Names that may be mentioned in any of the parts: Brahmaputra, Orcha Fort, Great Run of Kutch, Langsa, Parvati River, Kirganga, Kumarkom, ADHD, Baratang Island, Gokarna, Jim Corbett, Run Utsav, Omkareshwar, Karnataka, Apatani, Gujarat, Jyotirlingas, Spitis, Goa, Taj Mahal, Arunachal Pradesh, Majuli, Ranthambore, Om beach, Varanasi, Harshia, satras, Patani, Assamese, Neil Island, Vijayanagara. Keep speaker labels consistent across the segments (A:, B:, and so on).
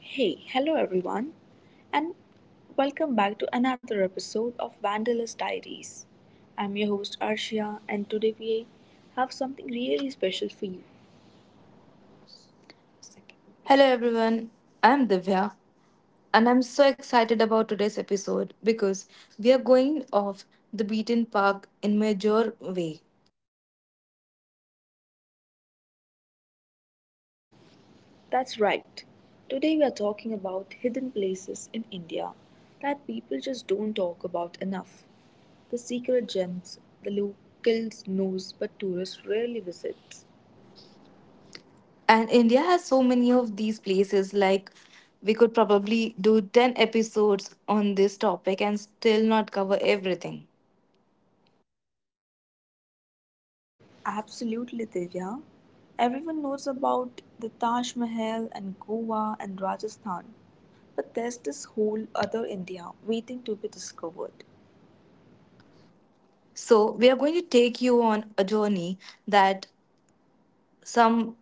A: Hey, hello everyone, and welcome back to another episode of Vandalist Diaries. I'm your host Arshia, and today we have something really special for you.
B: Hello everyone, I'm Divya and I'm so excited about today's episode because we are going off the beaten path in major way.
A: That's right, today we are talking about hidden places in India that people just don't talk about enough. The secret gems the locals knows but tourists rarely visit.
B: And India has so many of these places like we could probably do 10 episodes on this topic and still not cover everything.
A: Absolutely, Divya. Everyone knows about the Taj Mahal and Goa and Rajasthan, but there's this whole other India waiting to be discovered.
B: So, we are going to take you on a journey that some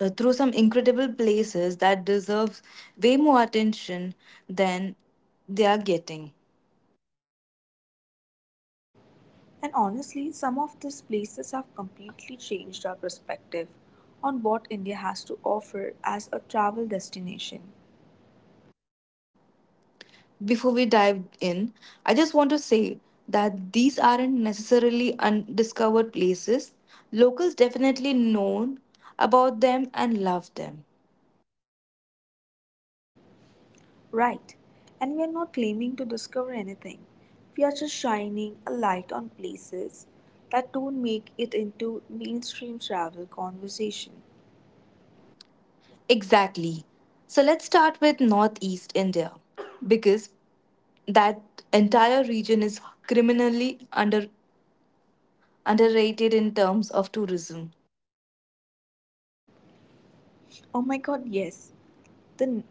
B: through some incredible places that deserve way more attention than they are getting.
A: And honestly, some of these places have completely changed our perspective on what India has to offer as a travel destination.
B: Before we dive in, I just want to say that these aren't necessarily undiscovered places. Locals definitely know about them and love them.
A: Right, and we are not claiming to discover anything, we are just shining a light on places that don't make it into mainstream travel conversation.
B: Exactly. So let's start with Northeast India because that entire region is criminally under underrated in terms of tourism.
A: Oh my God, yes. The,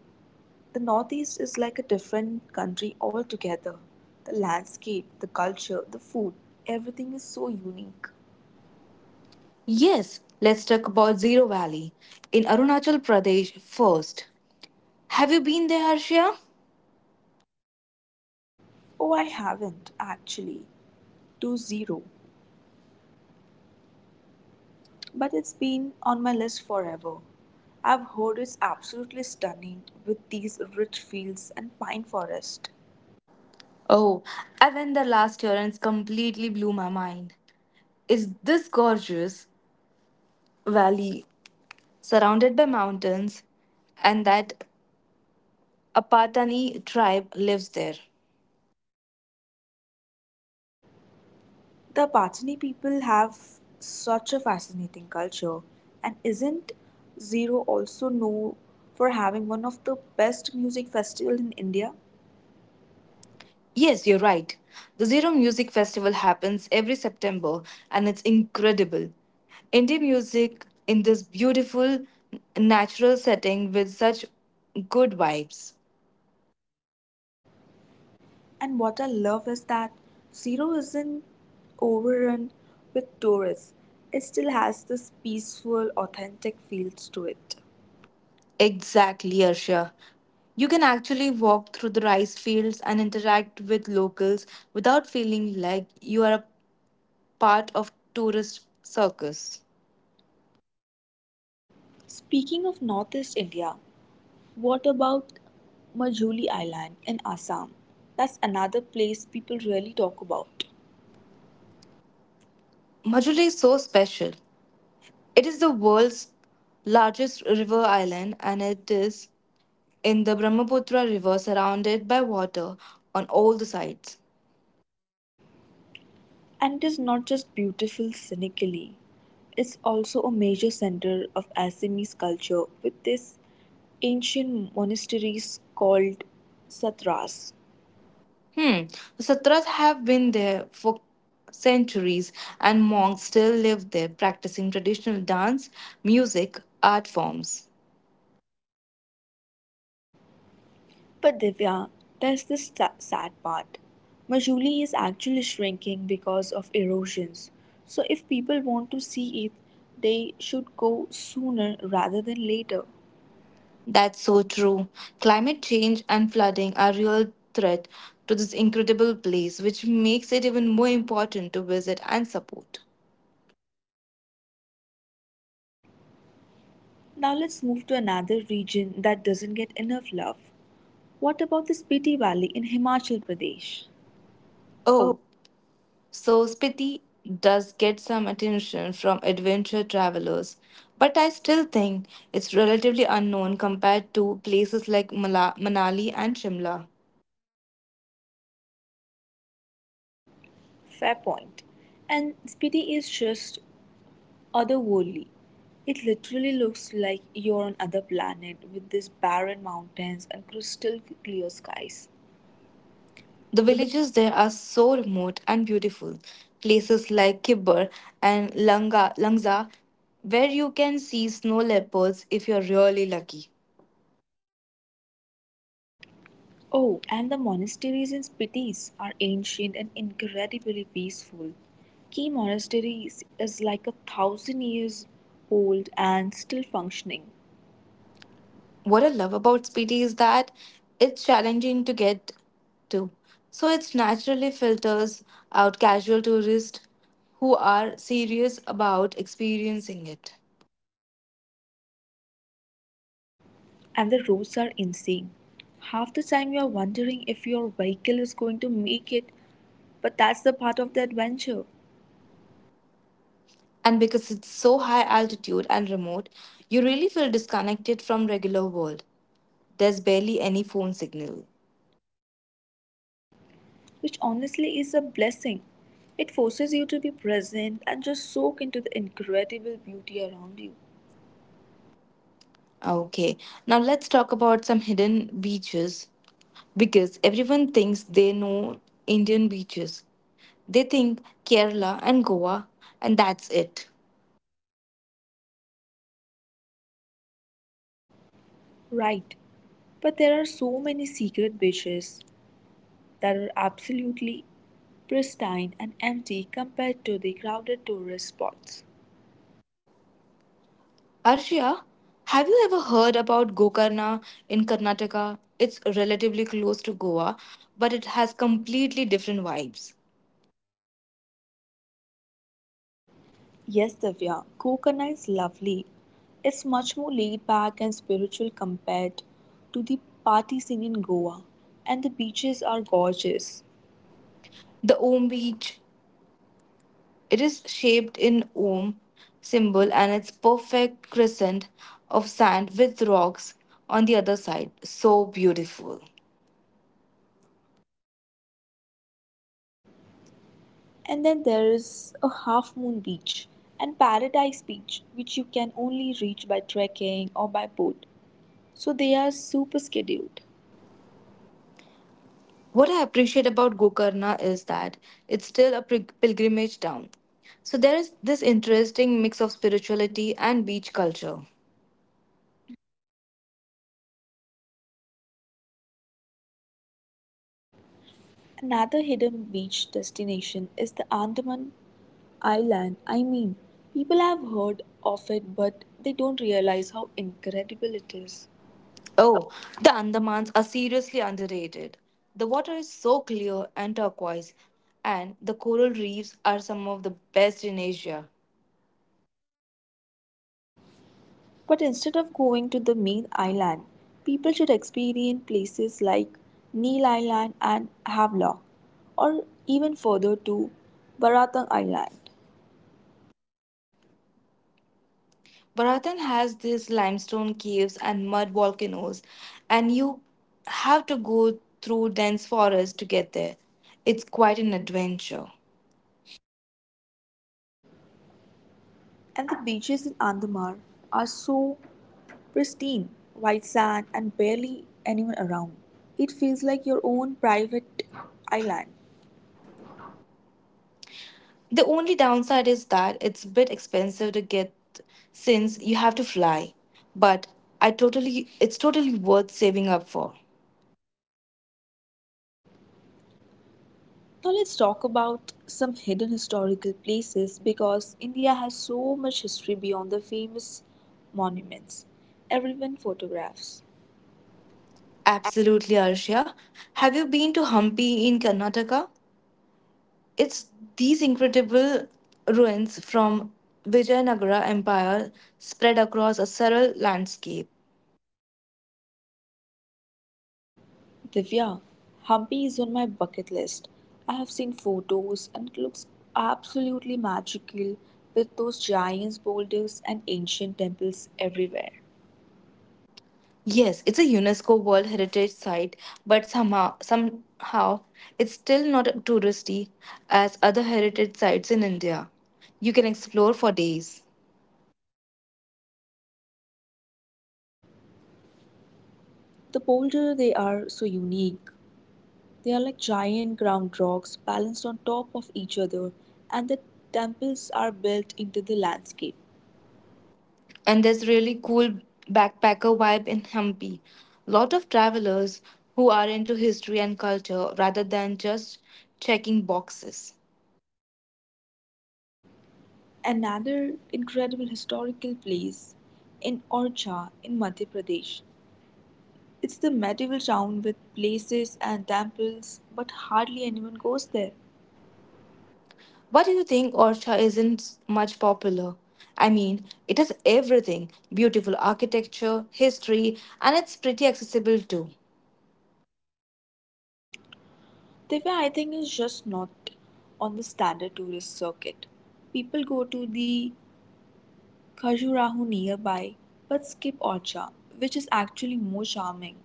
A: the Northeast is like a different country altogether. The landscape, the culture, the food, everything is so unique.
B: Yes, let's talk about Zero Valley in Arunachal Pradesh first. Have you been there, Harshia?
A: Oh, I haven't, actually. To zero. But it's been on my list forever. I've heard it's absolutely stunning with these rich fields and pine forest.
B: Oh, I went there last year and it completely blew my mind. It's this gorgeous valley surrounded by mountains, and that Apatani tribe lives there.
A: The Patani people have such a fascinating culture, and isn't Zero also known for having one of the best music festival in India?
B: Yes, you're right. The Zero Music Festival happens every September and it's incredible. Indie music in this beautiful natural setting with such good vibes.
A: And what I love is that Zero isn't overrun with tourists. It still has this peaceful, authentic feels to it.
B: Exactly, Arshia. You can actually walk through the rice fields and interact with locals without feeling like you are a part of tourist circus.
A: Speaking of Northeast India, what about Majuli Island in Assam? That's another place people really talk about.
B: Majuli is so special. It is the world's largest river island and it is in the Brahmaputra river surrounded by water on all the sides.
A: And it is not just beautiful scenically, it's also a major center of Assamese culture with these ancient monasteries called satras.
B: Hmm. Satras have been there for centuries, and monks still live there practicing traditional dance, music, art forms.
A: But Divya, there's this sad part. Majuli is actually shrinking because of erosions. So if people want to see it, they should go sooner rather than later.
B: That's so true. Climate change and flooding are real threat to this incredible place, which makes it even more important to visit and support.
A: Now let's move to another region that doesn't get enough love. What about the Spiti Valley in Himachal Pradesh?
B: Oh, so Spiti does get some attention from adventure travelers, but I still think it's relatively unknown compared to places like Manali and Shimla.
A: Fair point. And Spiti is just otherworldly. It literally looks like you're on other planet with these barren mountains and crystal clear skies.
B: The
A: The
B: villages there are so remote and beautiful. Places like Kibber and Langsa, where you can see snow leopards if you're really lucky.
A: Oh, and the monasteries in Spitis are ancient and incredibly peaceful. Key monastery is like a thousand years old and still functioning,
B: What I love about Speedy is that it's challenging to get to. So it naturally filters out casual tourists who are serious about experiencing it.
A: and the roads are insane. Half the time you are wondering if your vehicle is going to make it, but that's the part of the adventure.
B: And because it's so high altitude and remote, you really feel disconnected from regular world. There's barely any phone signal.
A: Which honestly is a blessing. It forces you to be present and just soak into the incredible beauty around you.
B: Okay, now let's talk about some hidden beaches because everyone thinks they know Indian beaches. They think Kerala and Goa, and that's it.
A: Right, but there are so many secret beaches that are absolutely pristine and empty compared to the crowded tourist spots.
B: Arshia, have you ever heard about Gokarna in Karnataka? It's relatively close to Goa, but it has completely different vibes.
A: Yes, Divya, Kokana is lovely. It's much more laid back and spiritual compared to the party scene in Goa, and the beaches are gorgeous.
B: The Om beach, it is shaped in Om symbol and it's perfect crescent of sand with rocks on the other side. So beautiful.
A: And then there is a half moon beach and paradise beach, which you can only reach by trekking or by boat. So they are super scheduled.
B: What I appreciate about Gokarna is that it's still a pilgrimage town. So there is this interesting mix of spirituality and beach culture.
A: Another hidden beach destination is the Andaman Island. I mean, people have heard of it, but they don't realize how incredible it is.
B: Oh, the Andamans are seriously underrated. The water is so clear and turquoise, and the coral reefs are some of the best in Asia.
A: But instead of going to the main island, people should experience places like Neil Island and Havelock, or even further to Baratang Island.
B: Baratan has these limestone caves and mud volcanoes, and you have to go through dense forests to get there. It's quite an adventure.
A: And the beaches in Andamar are so pristine, white sand, and barely anyone around. It feels like your own private island.
B: The only downside is that it's a bit expensive to get since you have to fly, but I totally it's totally worth saving up for.
A: Now, let's talk about some hidden historical places because India has so much history beyond the famous monuments everyone photographs.
B: Absolutely, Arshia. Have you been to Hampi in Karnataka? It's these incredible ruins from Vijayanagara Empire spread across a sterile landscape.
A: Divya, Hampi is on my bucket list. I have seen photos and it looks absolutely magical with those giant boulders and ancient temples everywhere.
B: Yes, it's a UNESCO World Heritage Site, but somehow it's still not touristy as other heritage sites in India. You can explore for days.
A: The boulder they are so unique. They are like giant ground rocks balanced on top of each other and the temples are built into the landscape.
B: And there's really cool backpacker vibe in Hampi. Lot of travelers who are into history and culture rather than just checking boxes.
A: Another incredible historical place in Orcha in Madhya Pradesh. It's the medieval town with places and temples, but hardly anyone goes there.
B: What do you think Orcha isn't much popular? I mean, it has everything beautiful architecture, history, and it's pretty accessible too.
A: Divya, I think, is just not on the standard tourist circuit. People go to the Khajuraho nearby, but skip Orcha, which is actually more charming.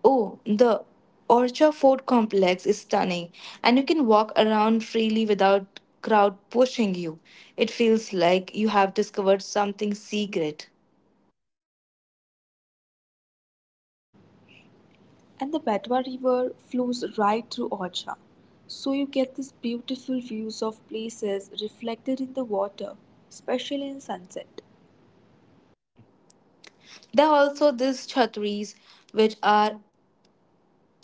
B: Oh, the Orcha Fort complex is stunning, and you can walk around freely without crowd pushing you. It feels like you have discovered something secret.
A: And the Betwa River flows right through Orcha, so you get these beautiful views of places reflected in the water, especially in sunset.
B: There are also these chhatris, which are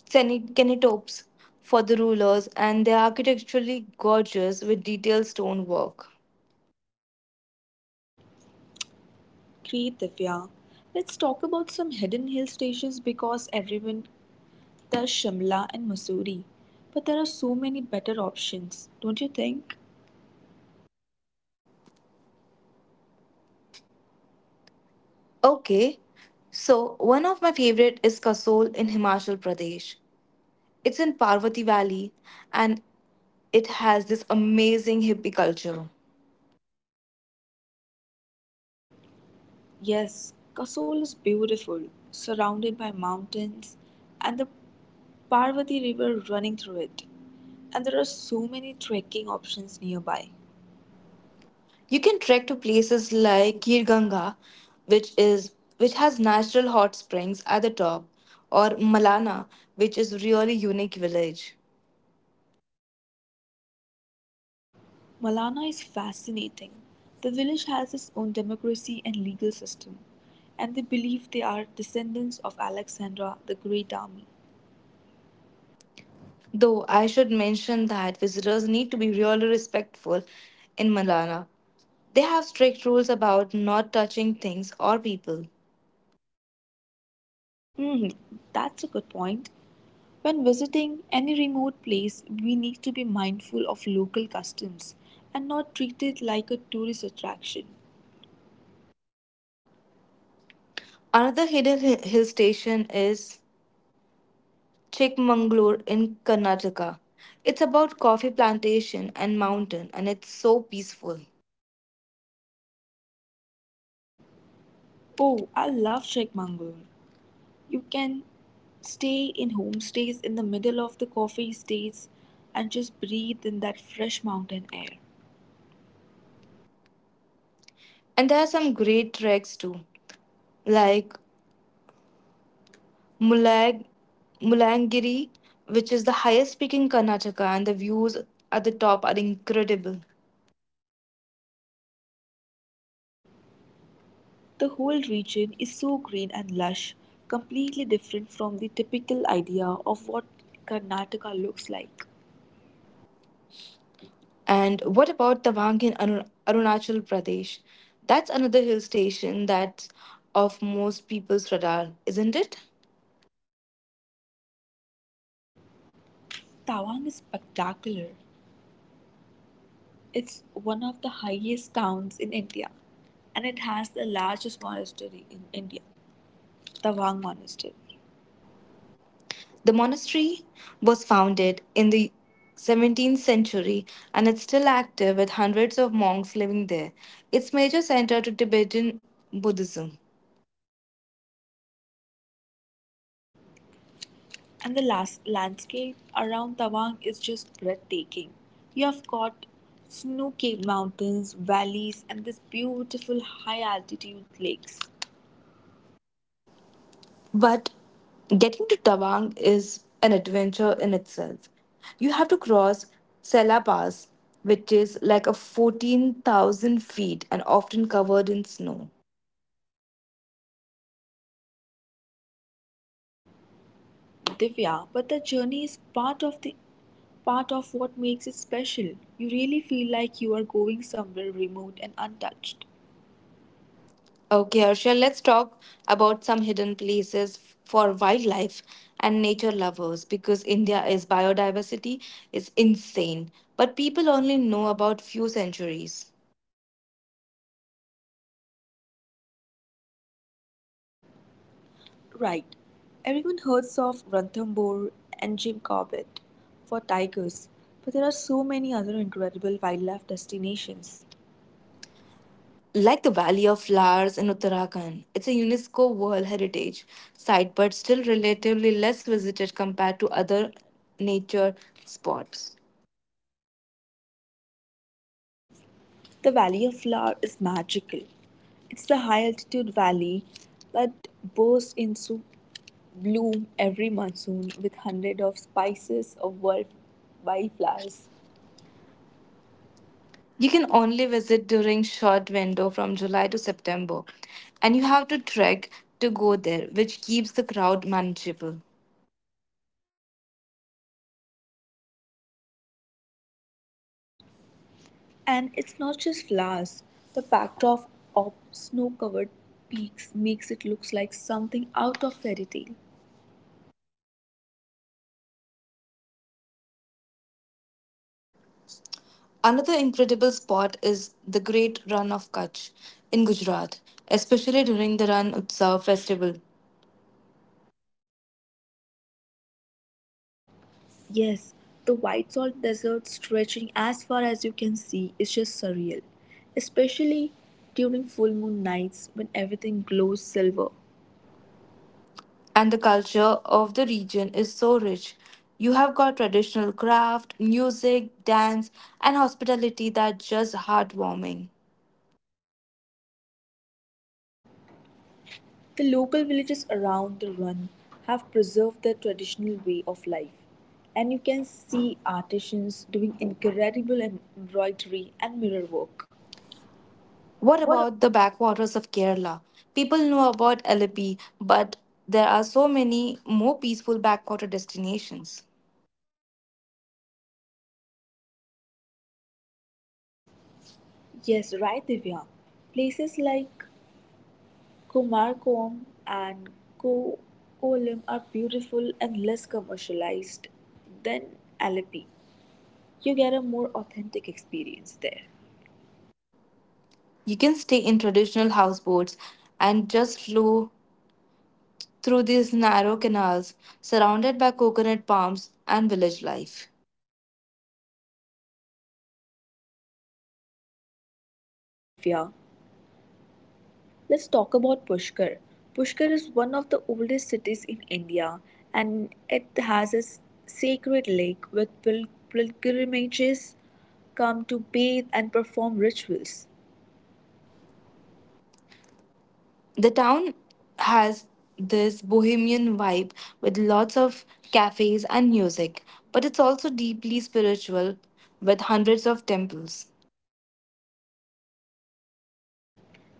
B: cenotapes for the rulers, and they are architecturally gorgeous with detailed stonework.
A: Great Divya. Let's talk about some hidden hill stations because everyone does Shimla and Mussoorie. But there are so many better options, don't you think?
B: Okay, so one of my favorite is Kasol in Himachal Pradesh. It's in Parvati Valley and it has this amazing hippie culture.
A: Yes, Kasol is beautiful, surrounded by mountains and the Parvati River running through it. And there are so many trekking options nearby.
B: You can trek to places like Kirganga, which has natural hot springs at the top, or Malana, which is really unique village.
A: Malana is fascinating. The village has its own democracy and legal system, and they believe they are descendants of Alexandra the Great Army.
B: Though I should mention that visitors need to be really respectful in Malana. They have strict rules about not touching things or people.
A: Hmm, that's a good point. When visiting any remote place, we need to be mindful of local customs and not treat it like a tourist attraction.
B: Another hidden hill station is Chikmagalur in Karnataka. It's about coffee plantation and mountain and it's so peaceful.
A: Oh, I love Chikmangalur. You can stay in homestays in the middle of the coffee estates and just breathe in that fresh mountain air.
B: And there are some great treks too, like Mulag Mulangiri, which is the highest peak in Karnataka and the views at the top are incredible.
A: The whole region is so green and lush, completely different from the typical idea of what Karnataka looks like.
B: And what about Tawang in Arunachal Pradesh? That's another hill station that's off most people's radar, isn't it?
A: Tawang is spectacular. It's one of the highest towns in India and it has the largest monastery in India, Tawang Monastery.
B: The monastery was founded in the 17th century and it's still active with hundreds of monks living there. Its major center to Tibetan Buddhism.
A: And the last landscape around Tawang is just breathtaking. You have got snow capped mountains, valleys, and this beautiful high altitude lakes.
B: But getting to Tawang is an adventure in itself. You have to cross Sela Pass, which is like a 14,000 feet and often covered in snow.
A: Divya, but the journey is part of what makes it special. You really feel like you are going somewhere remote and untouched.
B: Okay, Arshia, let's talk about some hidden places for wildlife and nature lovers because India is biodiversity is insane, but people only know about few centuries.
A: Right. Everyone hears of Ranthambore and Jim Corbett for tigers, but there are so many other incredible wildlife destinations.
B: Like the Valley of Flowers in Uttarakhand, it's a UNESCO World Heritage Site but still relatively less visited compared to other nature spots.
A: The Valley of Flower is magical. It's the high altitude valley that bursts into bloom every monsoon with hundreds of spices of wildflowers.
B: You can only visit during short window from July to September and you have to trek to go there which keeps the crowd manageable.
A: And it's not just flowers. The backdrop of snow-covered peaks makes it look like something out of fairy tale.
B: Another incredible spot is the Great Run of Kutch in Gujarat, especially during the Run Utsav festival.
A: Yes, the white salt desert stretching as far as you can see is just surreal, especially during full moon nights when everything glows silver.
B: And the culture of the region is so rich. You have got traditional craft, music, dance, and hospitality that just heartwarming.
A: The local villages around the run have preserved their traditional way of life, and you can see artisans doing incredible embroidery and mirror work.
B: What
A: What?
B: about the backwaters of Kerala? People know about Alapi, but there are so many more peaceful backwater destinations.
A: Yes, right, Divya. Places like Kumarkom and Koolim are beautiful and less commercialized than Alleppey. You get a more authentic experience there.
B: You can stay in traditional houseboats and just flow through these narrow canals surrounded by coconut palms and village life.
A: Correct, Divya. Let's talk about Pushkar. Pushkar is one of the oldest cities in India and it has a sacred lake with pilgrimages come to bathe and perform rituals.
B: The town has this bohemian vibe with lots of cafes and music, but it's also deeply spiritual with hundreds of temples.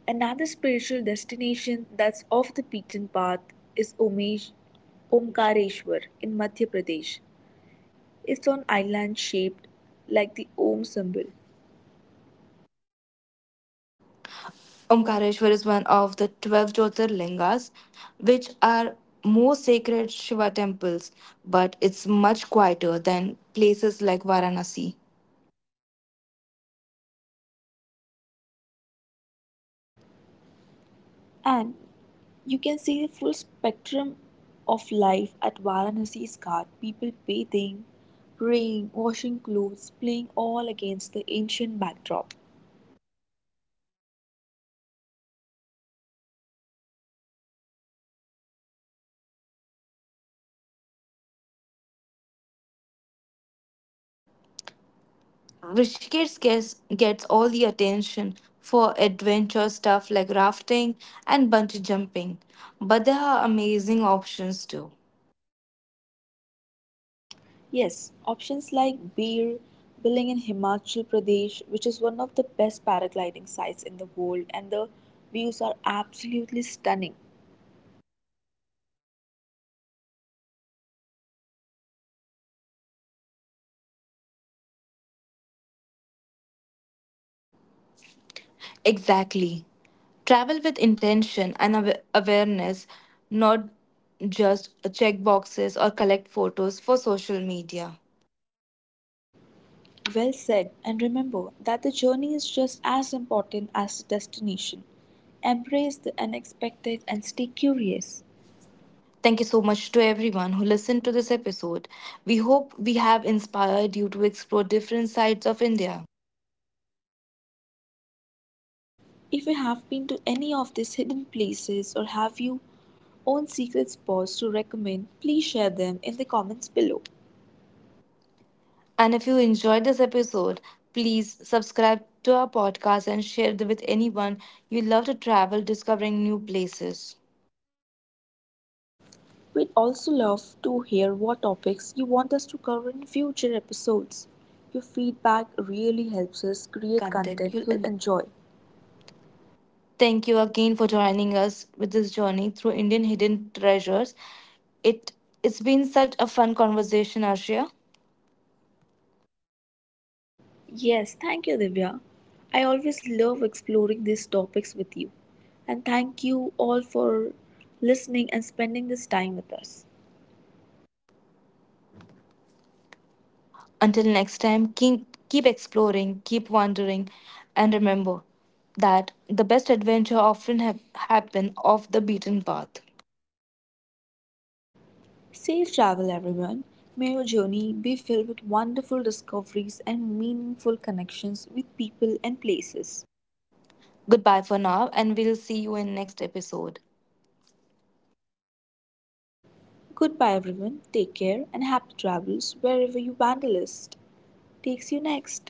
A: Another spiritual destination that's off the beaten path is Omkareshwar in Madhya Pradesh. It's an island shaped like the Om symbol,
B: Omkareshwar is one of the 12 Jyotirlingas, which are more sacred Shiva temples, but it's much quieter than places like Varanasi.
A: and you can see the full spectrum of life at Varanasi's Ghat people bathing, praying, washing clothes, playing all against the ancient backdrop.
B: Rishikesh gets all the attention for adventure stuff like rafting and bungee jumping, but there are amazing options too.
A: Yes, options like Bir, Biling in Himachal Pradesh, which is one of the best paragliding sites in the world, and the views are absolutely stunning.
B: Exactly. Travel with intention and awareness, not just check boxes or collect photos for social media.
A: Well said, and remember that the journey is just as important as the destination. Embrace the unexpected and stay curious.
B: Thank you so much to everyone who listened to this episode. We hope we have inspired you to explore different sides of India.
A: If you have been to any of these hidden places or have you own secret spots to recommend, please share them in the comments below.
B: And if you enjoyed this episode, please subscribe to our podcast and share it with anyone you love to travel, discovering new places.
A: We'd also love to hear what topics you want us to cover in future episodes. Your feedback really helps us
B: Create
A: create
B: content
A: content
B: you'll
A: you'll
B: enjoy.
A: enjoy.
B: Thank you again for joining us with this journey through Indian hidden treasures. It it's been such a fun conversation, Arshia.
A: Yes, thank you, Divya. I always love exploring these topics with you. And thank you all for listening and spending this time with us.
B: Until next time, keep exploring, keep wandering, and remember that the best adventure often happen off the beaten path.
A: Safe travel, everyone. May your journey be filled with wonderful discoveries and meaningful connections with people and places.
B: Goodbye for now, and we'll see you in next episode.
A: Goodbye everyone, take care and happy travels wherever your vandalist takes you next.